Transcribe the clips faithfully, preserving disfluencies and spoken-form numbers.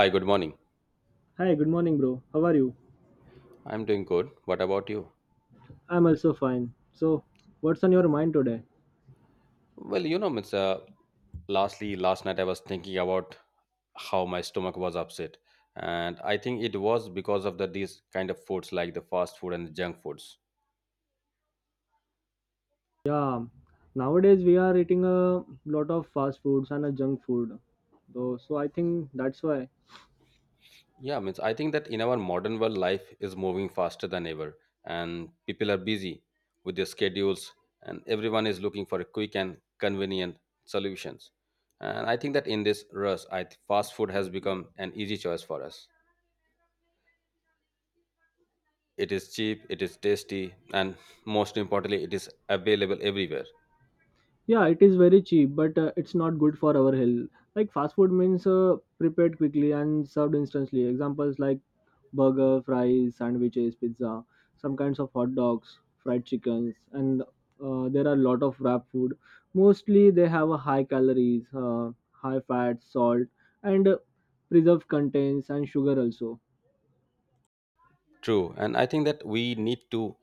Hi, good morning. Hi, good morning, bro. How are you? I'm doing good. What about you? I'm also fine. So, what's on your mind today? Well, you know, it's uh, lastly last night I was thinking about how my stomach was upset, and I think it was because of the these kind of foods like the fast food and the junk foods. Yeah, nowadays we are eating a lot of fast foods and a junk food. Though, so I think that's why. Yeah, means I think that in our modern world, life is moving faster than ever, and people are busy with their schedules, and everyone is looking for a quick and convenient solutions. And I think that in this rush, I th- fast food has become an easy choice for us. It is cheap, it is tasty, and most importantly, it is available everywhere. Yeah, it is very cheap, but uh, it's not good for our health. Like fast food means uh, prepared quickly and served instantly. Examples like burger, fries, sandwiches, pizza, some kinds of hot dogs, fried chickens, and uh, there are a lot of wrap food. Mostly they have a high calories, uh, high fat, salt, and uh, preserved contents and sugar also. True. And I think that we need to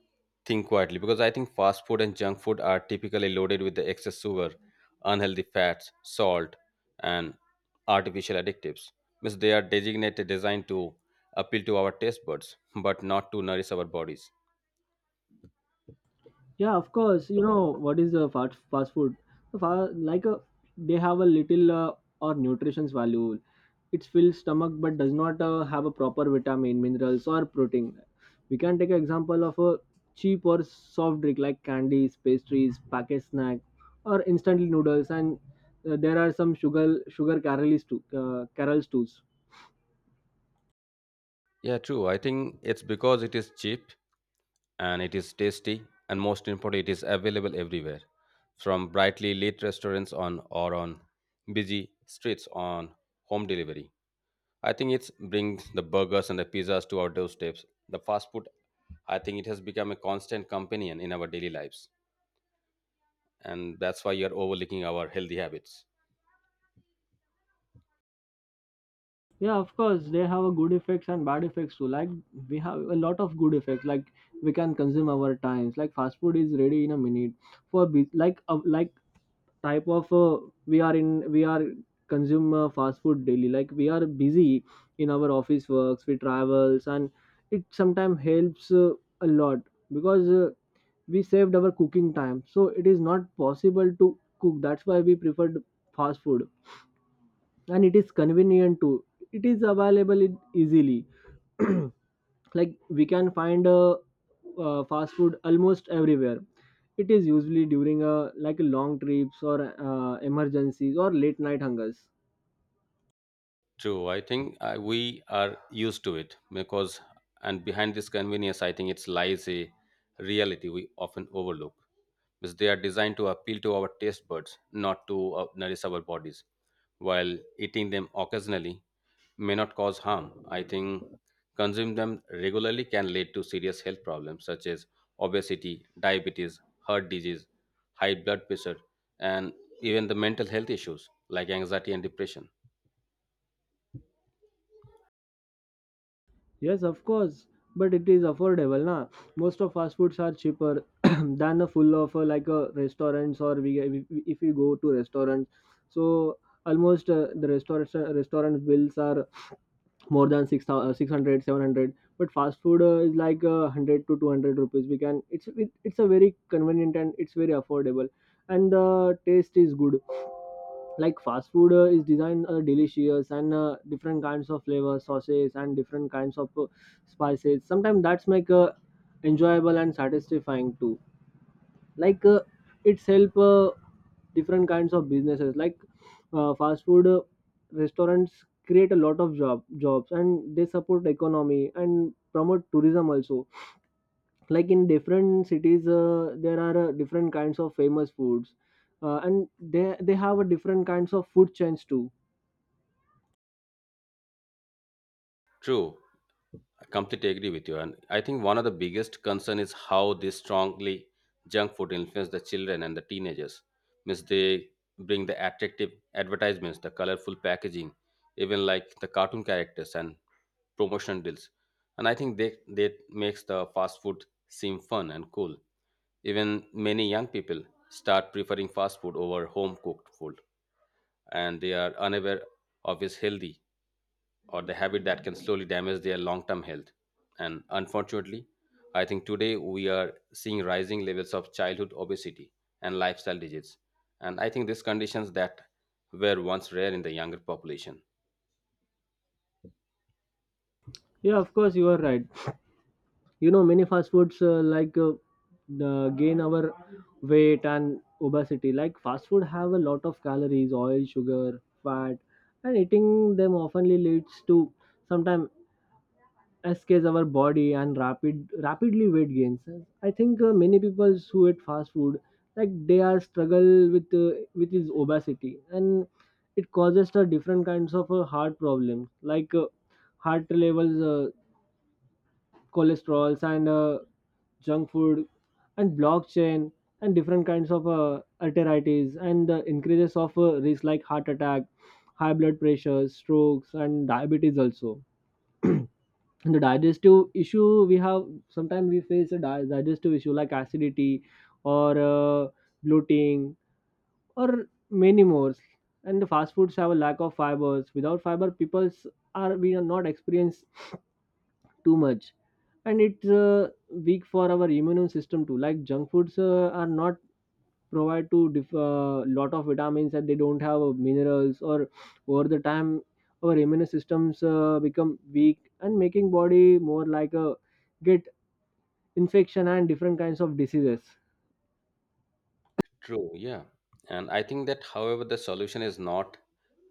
think quietly because I think fast food and junk food are typically loaded with the excess sugar, unhealthy fats, salt, and artificial additives. Means they are designated designed to appeal to our taste buds, but not to nourish our bodies. Yeah, of course. You know what is the fast fast food? The fa- like a they have a little uh, or nutrition's value. It fills stomach but does not uh, have a proper vitamin, minerals or protein. We can take an example of a cheap or soft drink like candies, pastries, packaged snack, or instant noodles. And uh, there are some sugar sugar caramels too, uh, caramels too. Yeah, true. I think it's because it is cheap and it is tasty and most important it is available everywhere from brightly lit restaurants on or on busy streets on home delivery. I think it's brings the burgers and the pizzas to our doorsteps. The fast food, I think it has become a constant companion in our daily lives, and that's why you're overlooking our healthy habits. Yeah, of course, they have a good effects and bad effects too. Like we have a lot of good effects. Like we can consume our times. Like fast food is ready in a minute. For be- like uh, like type of uh, we are in we are consume uh, fast food daily. Like we are busy in our office works, we travels, and it sometimes helps uh, a lot because uh, we saved our cooking time. So it is not possible to cook. That's why we preferred fast food, and it is convenient too. It is available in easily. Like we can find a uh, fast food almost everywhere. It is usually during a like long trips or uh, emergencies or late night hungers. True, I think uh, we are used to it because, and behind this convenience, I think it lies a reality we often overlook. Because they are designed to appeal to our taste buds, not to uh, nourish our bodies. While eating them occasionally may not cause harm, I think consuming them regularly can lead to serious health problems such as obesity, diabetes, heart disease, high blood pressure, and even the mental health issues like anxiety and depression. Yes, of course, but it is affordable, na. Most of fast foods are cheaper than a full of uh, like a restaurants, or we we- we- if we go to restaurants. So almost uh, the restaurant restaurant bills are more than six thousand six hundred seven hundred, but fast food uh, is like uh, one hundred to two hundred rupees we can it's it, it's a very convenient and it's very affordable. And the taste is good. Like fast food uh, is designed uh, delicious and uh, different kinds of flavors, sauces and different kinds of uh, spices sometimes that's make uh, enjoyable and satisfying too. Like uh, it's help uh, different kinds of businesses like uh, fast food uh, restaurants create a lot of job jobs, and they support economy and promote tourism also. Like in different cities uh, there are uh, different kinds of famous foods, uh, and they they have a different kinds of food chains too. True, I completely agree with you. And I think one of the biggest concern is how they strongly junk food influence the children and the teenagers. Means they bring the attractive advertisements, the colorful packaging, even like the cartoon characters and promotion deals. And I think they that makes the fast food seem fun and cool. Even many young people start preferring fast food over home cooked food, and they are unaware of its healthy or the habit that can slowly damage their long term health. And unfortunately, I think today we are seeing rising levels of childhood obesity and lifestyle diseases. And I think these conditions that were once rare in the younger population. Yeah, of course, you are right. You know, many fast foods uh, like uh, the gain our weight and obesity. Like fast food have a lot of calories, oil, sugar, fat, and eating them oftenly leads to sometimes escapes our body and rapid rapidly weight gains. I think uh, many people who eat fast food like they are struggle with uh, with his obesity, and it causes a different kinds of uh, heart problems like uh, heart levels uh, cholesterols and uh, junk food and blockchain and different kinds of uh, arteritis and the increases of uh, risk like heart attack, high blood pressure, strokes and diabetes also. And the digestive issue we have, sometimes we face a di- digestive issue like acidity or uh, bloating or many more. And the fast foods have a lack of fibers. Without fiber people's are we are not experience too much. And it's uh, weak for our immune system too. Like junk foods uh, are not provide to diff- uh, lot of vitamins, and they don't have uh, minerals or over the time our immune systems uh, become weak and making body more like a get infection and different kinds of diseases. True, yeah. And I think that, however, the solution is not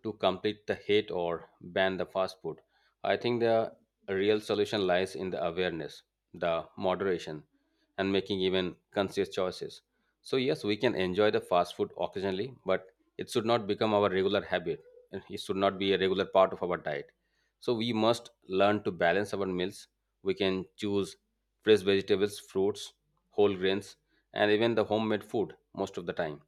to complete the hate or ban the fast food. I think the real solution lies in the awareness, the moderation, and making even conscious choices. So, yes, we can enjoy the fast food occasionally, but it should not become our regular habit. And it should not be a regular part of our diet. So, we must learn to balance our meals. We can choose fresh vegetables, fruits, whole grains, and even the homemade food most of the time.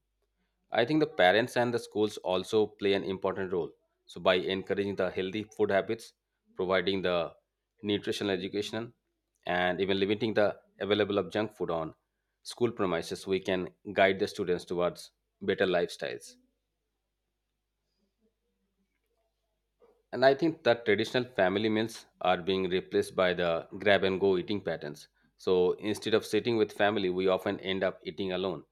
I think the parents and the schools also play an important role. So, by encouraging the healthy food habits, providing the nutritional education, and even limiting the available of junk food on school premises, we can guide the students towards better lifestyles. And I think that traditional family meals are being replaced by the grab and go eating patterns. So instead of sitting with family, we often end up eating alone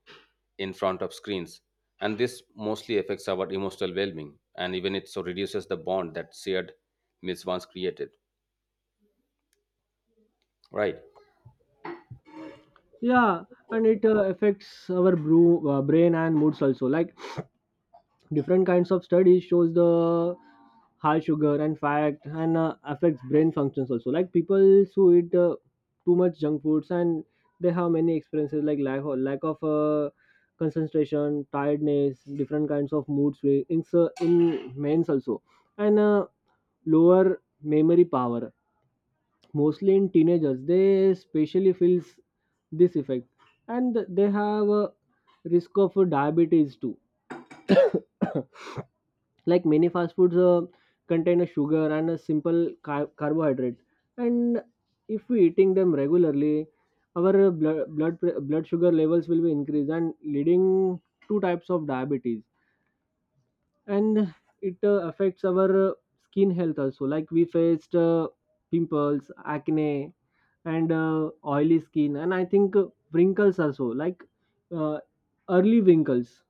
in front of screens. And this mostly affects our emotional well being. And even it so reduces the bond that shared meals once created. Right. Yeah, and it uh, affects our bru- uh, brain and moods also. Like different kinds of studies shows the high sugar and fat and uh, affects brain functions also. Like people who eat uh, too much junk foods and they have many experiences like lack of, lack of uh, concentration, tiredness, different kinds of mood swings in, uh, in men's also, and uh, lower memory power. Mostly in teenagers they especially feels this effect. And they have a risk of diabetes too. Like many fast foods uh, contain a sugar and a simple car- carbohydrate, and if we eating them regularly, our uh, blood blood pre- blood sugar levels will be increased and leading two types of diabetes. And it uh, affects our uh, skin health also. Like we faced uh, pimples, acne and uh, oily skin, and I think uh, wrinkles also. Like uh, early wrinkles.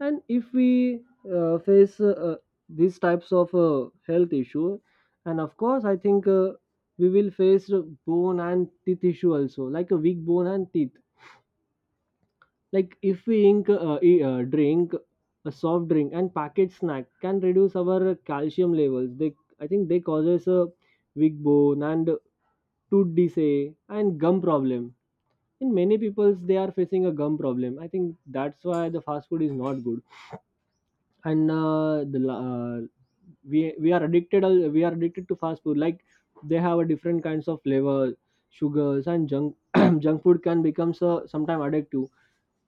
And if we uh, face uh, uh, these types of uh, health issue. And of course I think uh, we will face uh, bone and teeth issue also, like a weak bone and teeth. Like if we ink, uh, e- uh, drink a soft drink and packaged snack can reduce our calcium levels. They, I think they causes a weak bone and tooth decay and gum problem. In many peoples they are facing a gum problem. I think that's why the fast food is not good. And uh, the la- uh, we we are addicted al- we are addicted to fast food. Like they have a different kinds of flavor, sugars, and junk junk food can become so sometime addictive.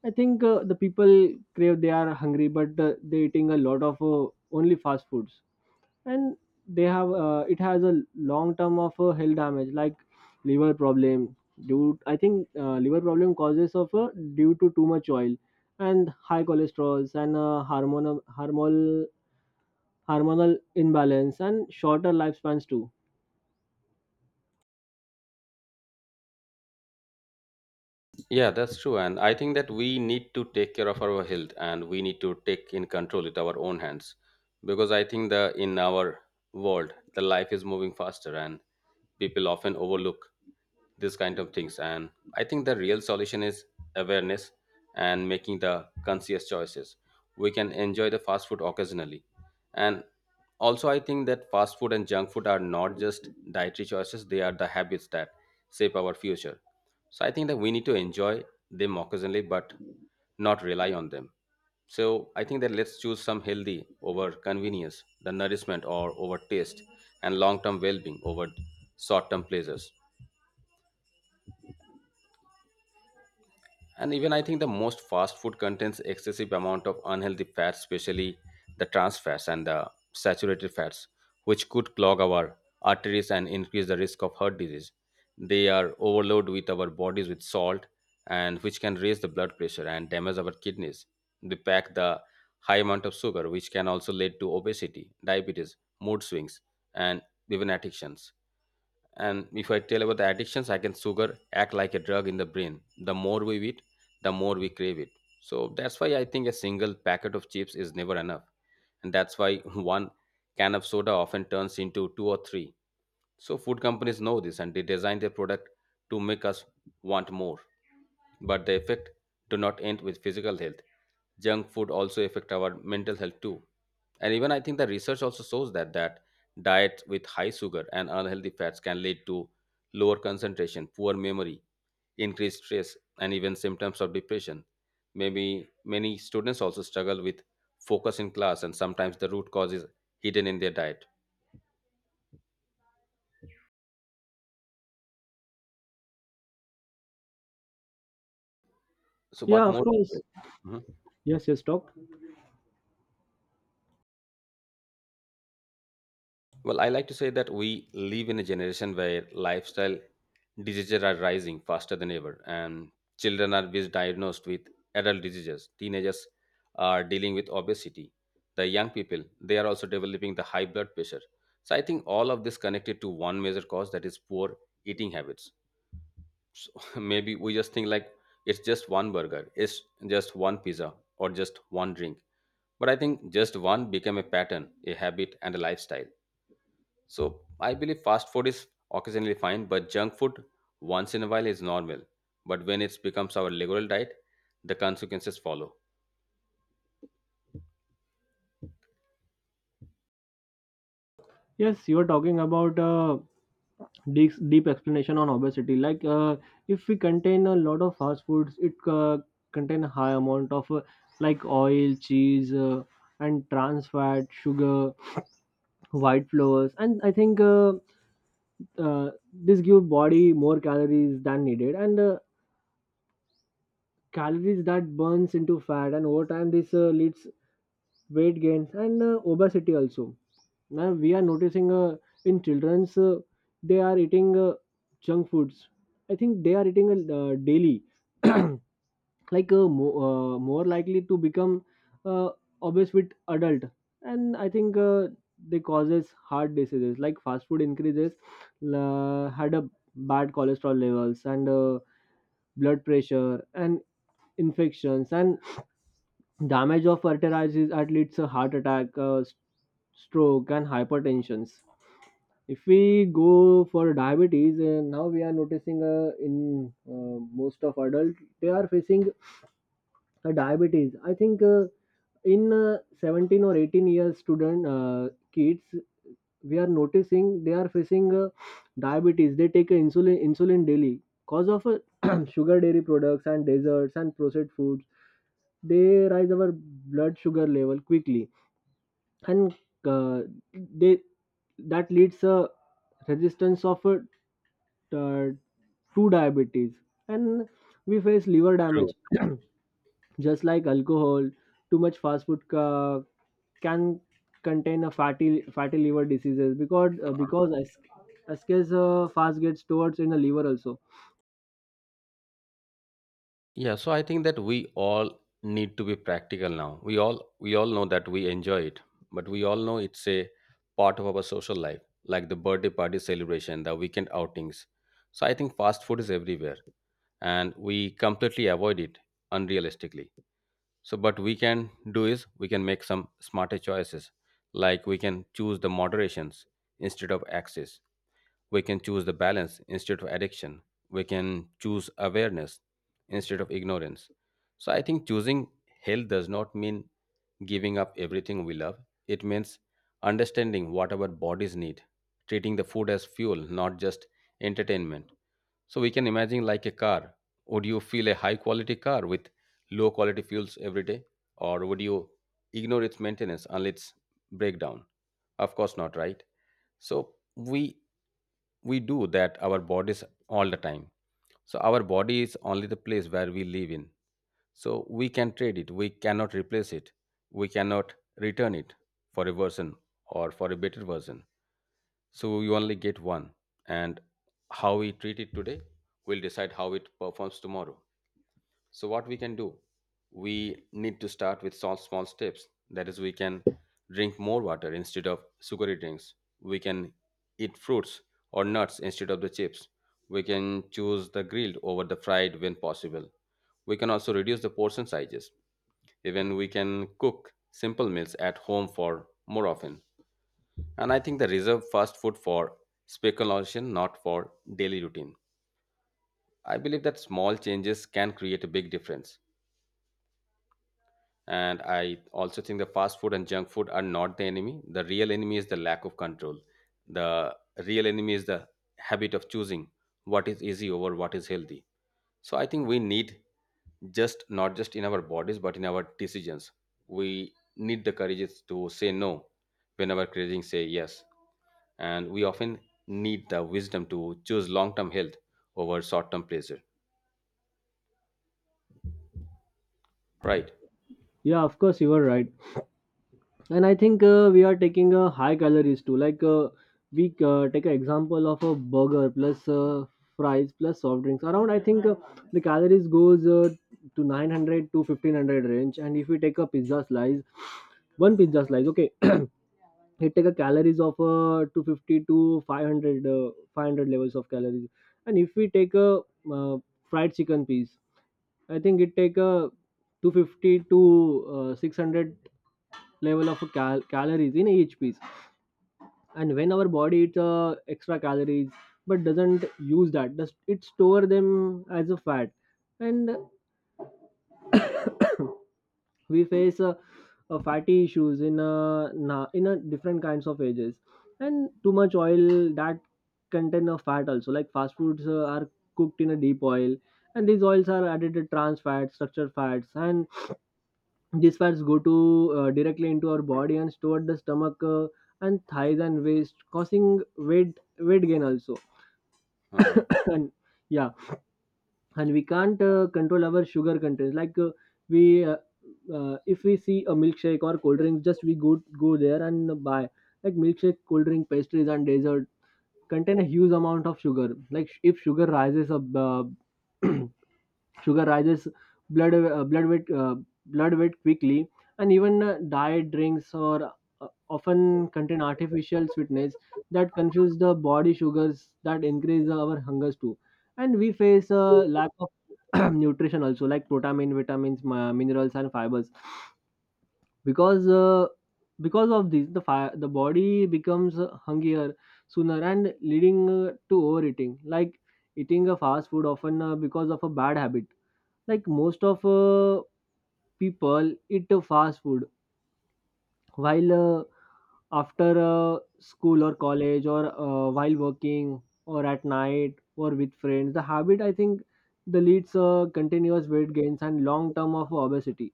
I think uh, the people crave they are hungry, but uh, they eating a lot of uh, only fast foods, and they have uh, it has a long term of uh, health damage like liver problem due I think uh, liver problem causes of uh, due to too much oil and high cholesterol and uh, hormonal hormonal hormonal imbalance and shorter lifespans too. Yeah, that's true. And I think that we need to take care of our health and we need to take in control with our own hands. Because I think the in our world, the life is moving faster and people often overlook these kind of things. And I think the real solution is awareness and making the conscious choices. We can enjoy the fast food occasionally, and also I think that fast food and junk food are not just dietary choices, they are the habits that shape our future. So I think that we need to enjoy them occasionally but not rely on them. So I think that let's choose some healthy over convenience, the nourishment or over taste, and long term well being over short term pleasures. And even I think the most fast food contains excessive amount of unhealthy fats, especially the trans fats and the saturated fats, which could clog our arteries and increase the risk of heart disease. They are overloaded with our bodies with salt, and which can raise the blood pressure and damage our kidneys. They pack the high amount of sugar which can also lead to obesity, diabetes, mood swings, and even addictions. And if I tell about the addictions, I can sugar act like a drug in the brain. The more we eat, the more we crave it. So that's why I think a single packet of chips is never enough. And that's why one can of soda often turns into two or three. So food companies know this and they design their product to make us want more, but the effect do not end with physical health. Junk food also affect our mental health too. And even I think the research also shows that that diets with high sugar and unhealthy fats can lead to lower concentration, poor memory, increased stress, and even symptoms of depression. Maybe many students also struggle with focus in class and sometimes the root cause is hidden in their diet. So Yeah, what of more? course. Mhm. Yes, yes, talk. Well, I like to say that we live in a generation where lifestyle diseases are rising faster than ever, and children are misdiagnosed with adult diseases. Teenagers are dealing with obesity. The young people they are also developing the high blood pressure. So I think all of this connected to one major cause, that is poor eating habits. So maybe we just think like it's just one burger, it's just one pizza, or just one drink. But I think just one became a pattern, a habit, and a lifestyle. So I believe fast food is occasionally fine, but junk food once in a while is normal. But when it becomes our regular diet, the consequences follow. Yes, you are talking about uh, deep, deep explanation on obesity. Like uh, if we contain a lot of fast foods, it uh, contain a high amount of uh, like oil, cheese, uh, and trans fat, sugar, white flours, and I think uh, uh, this give body more calories than needed. And Uh, calories that burns into fat, and over time this uh, leads weight gains and uh, obesity also. Now we are noticing uh, in children's uh, they are eating uh, junk foods. I think they are eating uh, uh, daily. Like uh, mo- uh, more likely to become uh, obese with adult. And I think uh, they causes heart diseases. Like fast food increases uh, had a bad cholesterol levels and uh, blood pressure and infections and damage of arteries at leads to heart attack, uh, s- stroke, and hypertension. If we go for diabetes, uh, now we are noticing uh, in uh, most of adults they are facing a diabetes. I think uh, in uh, seventeen or eighteen years student uh, kids we are noticing they are facing uh, diabetes. They take insulin insulin daily cause of uh, sugar, dairy products and desserts and processed foods. They raise our blood sugar level quickly, and uh, they that leads a resistance of uh, to diabetes. And we face liver damage. True. Just like alcohol, too much fast food ca- can contain a fatty fatty liver diseases, because uh, because as as uh, fast gets stored in the liver also. Yeah, so I think that we all need to be practical now. We all we all know that we enjoy it, but we all know it's a part of our social life, like the birthday party celebration, the weekend outings. So I think fast food is everywhere and we completely avoid it unrealistically. So, but we can do is we can make some smarter choices, like we can choose the moderations instead of access. We can choose the balance instead of addiction. We can choose awareness instead of ignorance. So, I think choosing health does not mean giving up everything we love. It means understanding what our bodies need, treating the food as fuel, not just entertainment. So we can imagine like a car. Would you feel a high quality car with low quality fuels every day? Or would you ignore its maintenance until its breakdown? Of course not, right? So we we do that our bodies all the time. So our body is only the place where we live in. So we can trade it. We cannot replace it. We cannot return it for a version or for a better version. So you only get one, and how we treat it today will decide how it performs tomorrow. So what we can do, we need to start with small small steps. That is, we can drink more water instead of sugary drinks. We can eat fruits or nuts instead of the chips. We can choose the grilled over the fried when possible. We can also reduce the portion sizes. Even we can cook simple meals at home for more often. And I think the reserve fast food for speculation, not for daily routine. I believe that small changes can create a big difference. And I also think the fast food and junk food are not the enemy. The real enemy is the lack of control. The real enemy is the habit of choosing what is easy over what is healthy. So I think we need just not just in our bodies but in our decisions. We need the courage to say no whenever craving say yes. And we often need the wisdom to choose long-term health over short-term pleasure, right? Yeah, of course, you are right. And I think uh, we are taking a high calories too. Like uh, we uh, take an example of a burger plus uh, fries plus soft drinks around. I think uh, the calories goes uh, to nine hundred to fifteen hundred range. And if we take a pizza slice, one pizza slice, okay, he take a calories of uh, two hundred fifty to five hundred uh, five hundred levels of calories. And if we take a uh, fried chicken piece, I think it take a two hundred fifty to uh, six hundred level of cal- calories in each piece. And when our body eats uh, extra calories but doesn't use that does it store them as a fat. And we face uh, uh, fatty issues in uh, na- in a different kinds of ages. And too much oil that contain a fat also. Like fast foods uh, are cooked in a deep oil, and these oils are added to trans fats, structured fats, and these fats go to uh, directly into our body and stored the stomach uh, and thighs and waist causing weight weight gain also. uh And yeah, and we can't uh, control our sugar content. Like uh, we uh, uh, if we see a milkshake or cold drink just we go go there and buy, like milkshake, cold drink, pastries and dessert contain a huge amount of sugar. Like sh- if sugar rises up uh, sugar rises blood uh, blood weight uh, blood weight quickly. And even uh, diet drinks or uh, Often contain artificial sweetness that confuse the body sugars that increase our hungers too, and we face a lack of nutrition also, like protein, vitamins, mi- minerals, and fibers. Because uh, because of this, the fire the body becomes hungrier sooner and leading uh, to overeating, like eating a fast food often, uh, because of a bad habit. Like most of uh, people eat uh, fast food while uh, after uh, school or college, or uh, while working, or at night, or with friends. The habit, I think, the leads uh, continuous weight gains and long term of obesity.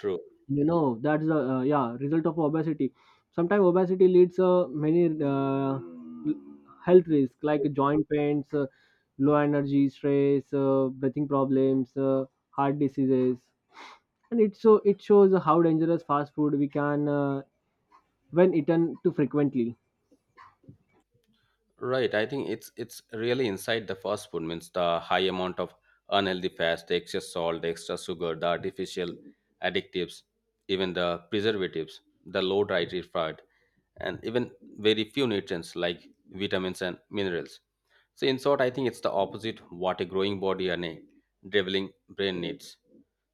True. You know, that's the uh, yeah result of obesity. Sometimes obesity leads uh, many, uh, l- health risks like joint pains, uh, low energy, stress, uh, breathing problems, uh, heart diseases, and it so it shows how dangerous fast food we can, uh, when eaten too frequently. Right. I think it's it's really inside the fast food means the high amount of unhealthy fats, the excess salt, the extra sugar, the artificial additives, even the preservatives, the low dietary fat, and even very few nutrients like vitamins and minerals. So in short, I think it's the opposite what a growing body and a developing brain needs.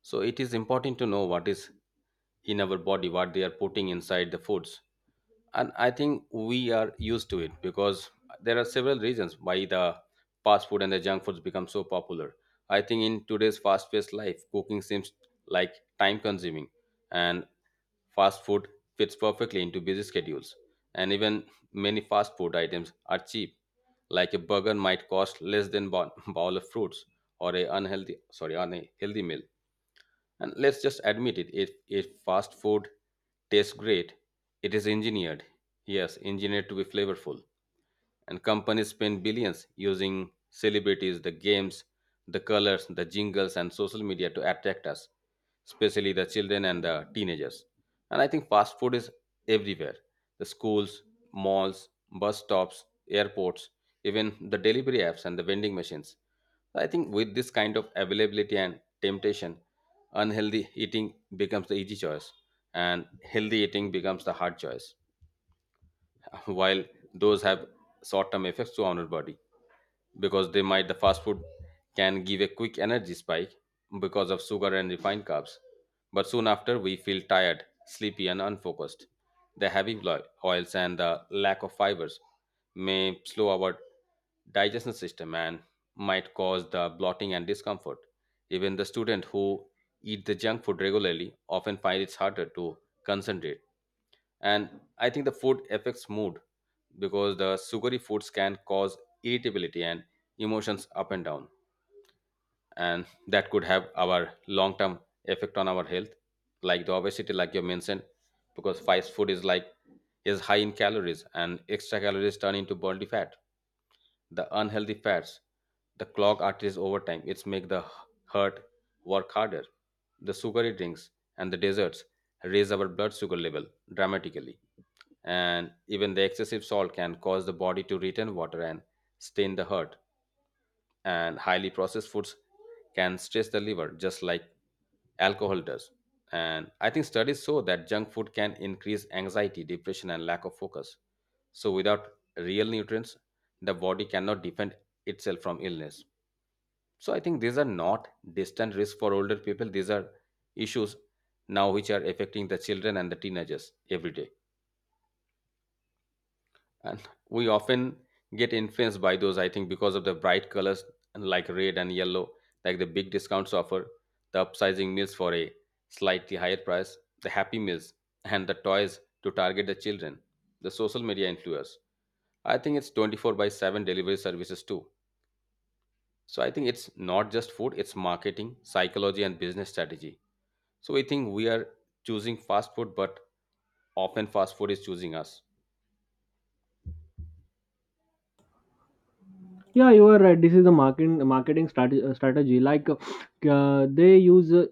So it is important to know what is in our body, what they are putting inside the foods. And I think we are used to it because there are several reasons why the fast food and the junk foods become so popular. I think in today's fast paced life, cooking seems like time consuming, and fast food fits perfectly into busy schedules. And even many fast food items are cheap. Like a burger might cost less than bo- bowl of fruits or a unhealthy, sorry, unhealthy meal. And let's just admit it, if, if fast food tastes great, it is engineered. Yes, engineered to be flavorful. And companies spend billions using celebrities, the games, the colors, the jingles, and social media to attract us, especially the children and the teenagers. And I think fast food is everywhere: the schools, malls, bus stops, airports, even the delivery apps and the vending machines. So I think with this kind of availability and temptation, unhealthy eating becomes the easy choice, and healthy eating becomes the hard choice. While those have short-term effects to our body, because they might, the fast food can give a quick energy spike because of sugar and refined carbs, but soon after we feel tired, sleepy, and unfocused. The heavy lo- oils and the lack of fibers may slow our digestion system and might cause the bloating and discomfort. Even the student who eat the junk food regularly often find it's harder to concentrate. And I think the food affects mood because the sugary foods can cause irritability and emotions up and down. And that could have our long term effect on our health, like the obesity like you mentioned, because fast food is like is high in calories, and extra calories turn into body fat. The unhealthy fats, the clog arteries over time, it's make the heart work harder. The sugary drinks and the desserts raise our blood sugar level dramatically. And even the excessive salt can cause the body to retain water and stain the heart. And highly processed foods can stress the liver just like alcohol does. And I think studies show that junk food can increase anxiety, depression, and lack of focus. So without real nutrients, the body cannot defend itself from illness. So I think these are not distant risks for older people. These are issues now which are affecting the children and the teenagers every day. And we often get influenced by those, I think, because of the bright colors, and like red and yellow, like the big discounts offer, the upsizing meals for a slightly higher price, the happy meals and the toys to target the children, the social media influencers. I think it's twenty-four by seven delivery services too. So I think it's not just food, it's marketing, psychology, and business strategy. So we think we are choosing fast food, but often fast food is choosing us. Yeah, you are right. This is the marketing marketing strategy. uh, strategy. Like uh, they use uh,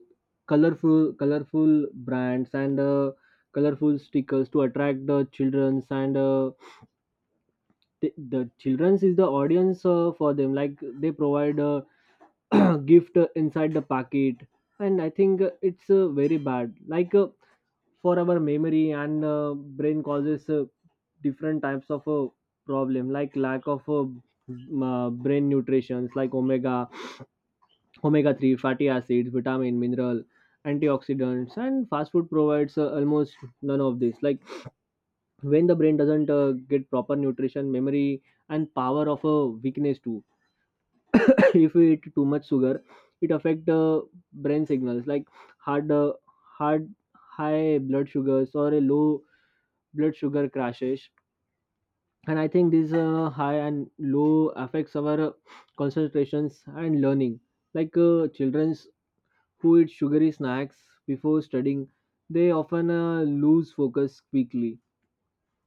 colorful colorful brands and uh, colorful stickers to attract the children, and uh, the, the children's is the audience uh, for them, like they provide a gift uh, inside the packet. And I think uh, it's uh, very bad, like uh, for our memory and uh, brain. Causes uh, different types of uh, problem, like lack of uh, m- uh, brain nutrients like omega omega three fatty acids, vitamin, mineral, antioxidants, and fast food provides uh, almost none of this. Like when the brain doesn't uh, get proper nutrition, memory and power of a weakness too. If we eat too much sugar, it affect uh, brain signals, like hard uh, hard high blood sugars or a low blood sugar crashes. And I think this uh, high and low affects our uh, concentrations and learning. Like uh, children who eat sugary snacks before studying, they often uh, lose focus quickly.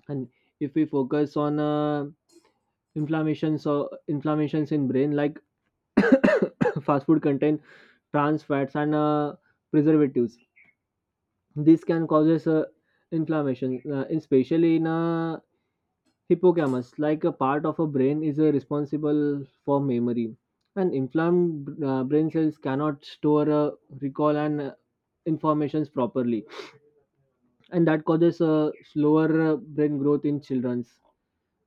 And if we focus on uh, inflammations or inflammations in brain, like fast food contain trans fats and uh, preservatives. This can causes uh, inflammation, uh, especially in uh, hippocampus, like a part of a brain is uh, responsible for memory. And inflamed uh, brain cells cannot store, uh, recall, and uh, informations properly. And that causes a slower uh, brain growth in children,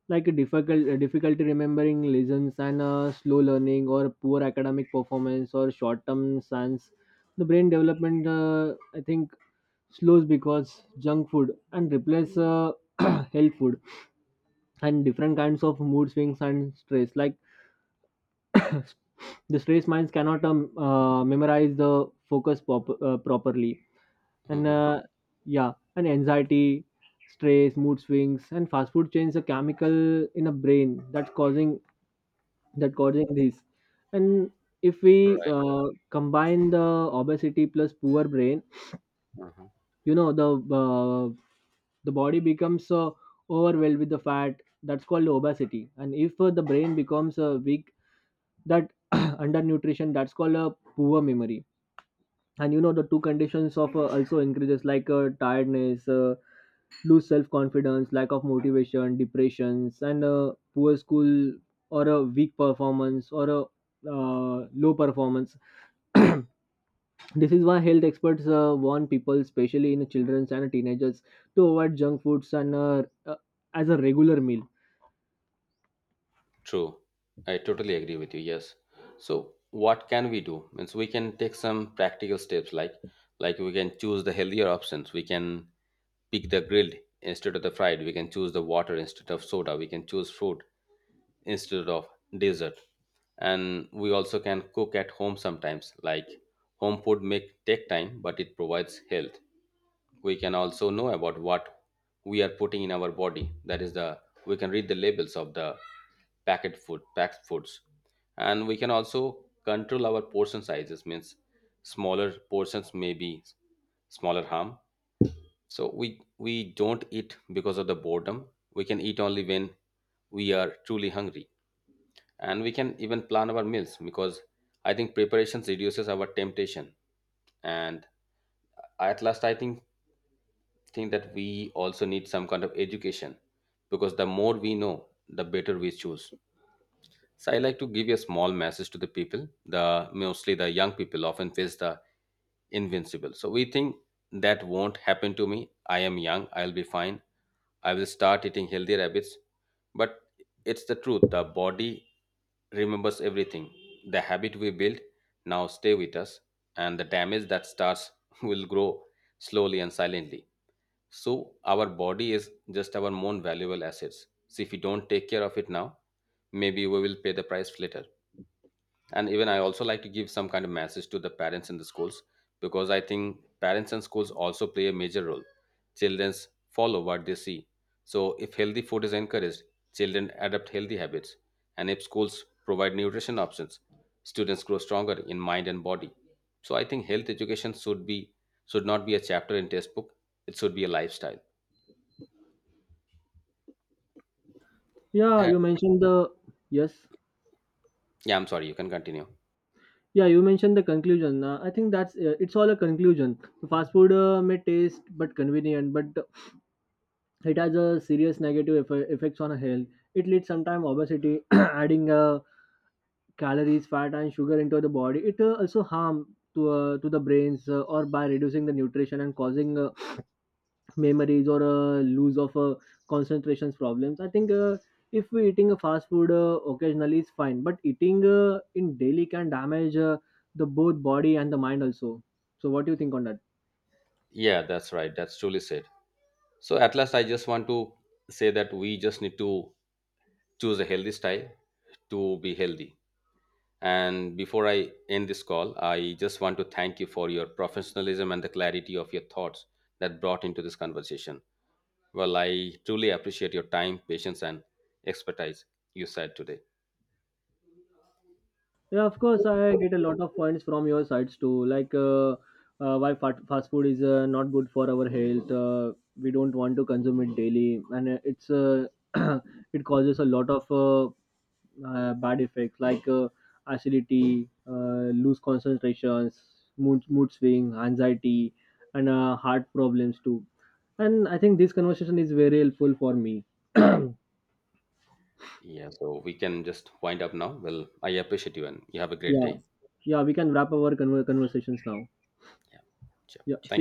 like difficult uh, difficulty remembering lessons and uh, slow learning or poor academic performance or short term sense. The brain development, uh, I think, slows because junk food and replace uh, health food. And different kinds of mood swings and stress, like the Distressed minds cannot um, uh, memorize the focus pop- uh, properly. And Mhm. uh, yeah, and anxiety, stress, mood swings, and fast food change the chemical in a brain that's causing that causing this. And if we Right. uh, combine the obesity plus poor brain, Mhm. you know, the uh, the body becomes uh, overwhelmed with the fat. That's called obesity. And if uh, the brain becomes uh, weak, that undernutrition, that's called a poor memory. And you know, the two conditions of uh, also increases, like uh, tiredness, uh, lose self confidence, lack of motivation, depressions, and uh, poor school or a weak performance or a uh, low performance. This is why health experts uh, warn people, especially in children and teenagers, to avoid junk foods and uh, uh, as a regular meal. True. I totally agree with you. Yes. So what can we do? Means we can take some practical steps like like we can choose the healthier options. We can pick the grilled instead of the fried. We can choose the water instead of soda. We can choose fruit instead of dessert. And we also can cook at home sometimes. Like home food may take time, but it provides health. We can also know about what we are putting in our body, that is the, we can read the labels of the packet food, packed foods. And we can also control our portion sizes, means smaller portions may be smaller harm. So we we don't eat because of the boredom. We can eat only when we are truly hungry. And we can even plan our meals because I think preparations reduces our temptation. And at last I think think that we also need some kind of education, because the more we know, the better we choose. So I like to give a small message to the people. The mostly the young people often face the invincible. So we think that won't happen to me. I am young, I'll be fine. I will start eating healthier habits. But it's the truth, the body remembers everything. The habit we build now stay with us, and the damage that starts will grow slowly and silently. So our body is just our most valuable assets. So if we don't take care of it now, maybe we will pay the price later. And even I also like to give some kind of message to the parents in the schools, because I think parents and schools also play a major role. Childrens follow what they see. So if healthy food is encouraged, children adopt healthy habits. And if schools provide nutrition options, students grow stronger in mind and body. So I think health education should be, should not be a chapter in textbook. It should be a lifestyle. Yeah, And, you mentioned the, yes. yeah, I'm sorry, you can continue. Yeah, you mentioned the conclusion. Uh, I think that's uh, it's all a conclusion. Fast food uh, may taste but convenient, but it has a serious negative eff- effects on health. It leads sometimes obesity, adding uh, calories, fat, and sugar into the body. It uh, also harm to uh, to the brains, uh, or by reducing the nutrition and causing uh, memories or uh, lose of uh, concentrations problems. I think uh, if we eating a fast food uh, occasionally is fine, but eating uh, in daily can damage uh, the both body and the mind also. So what do you think on that? Yeah, that's right. That's truly said. So, at last, I just want to say that we just need to choose a healthy style to be healthy. And before I end this call, I just want to thank you for your professionalism and the clarity of your thoughts that brought into this conversation. Well, I truly appreciate your time, patience, and expertise you said today. Yeah, of course, I get a lot of points from your sides too. Like, uh, uh, why fat, fast food is uh, not good for our health. Uh, we don't want to consume it daily, and uh, it's uh, it causes a lot of uh, uh, bad effects, like uh, acidity, uh, loose concentrations, mood mood swing, anxiety, and uh, heart problems too. And I think this conversation is very helpful for me. Yeah, so we can just wind up now. Well, I appreciate you and you have a great Yeah, day. yeah, we can wrap our conver- conversations now. Yeah, sure. Yeah, see Thank you. you.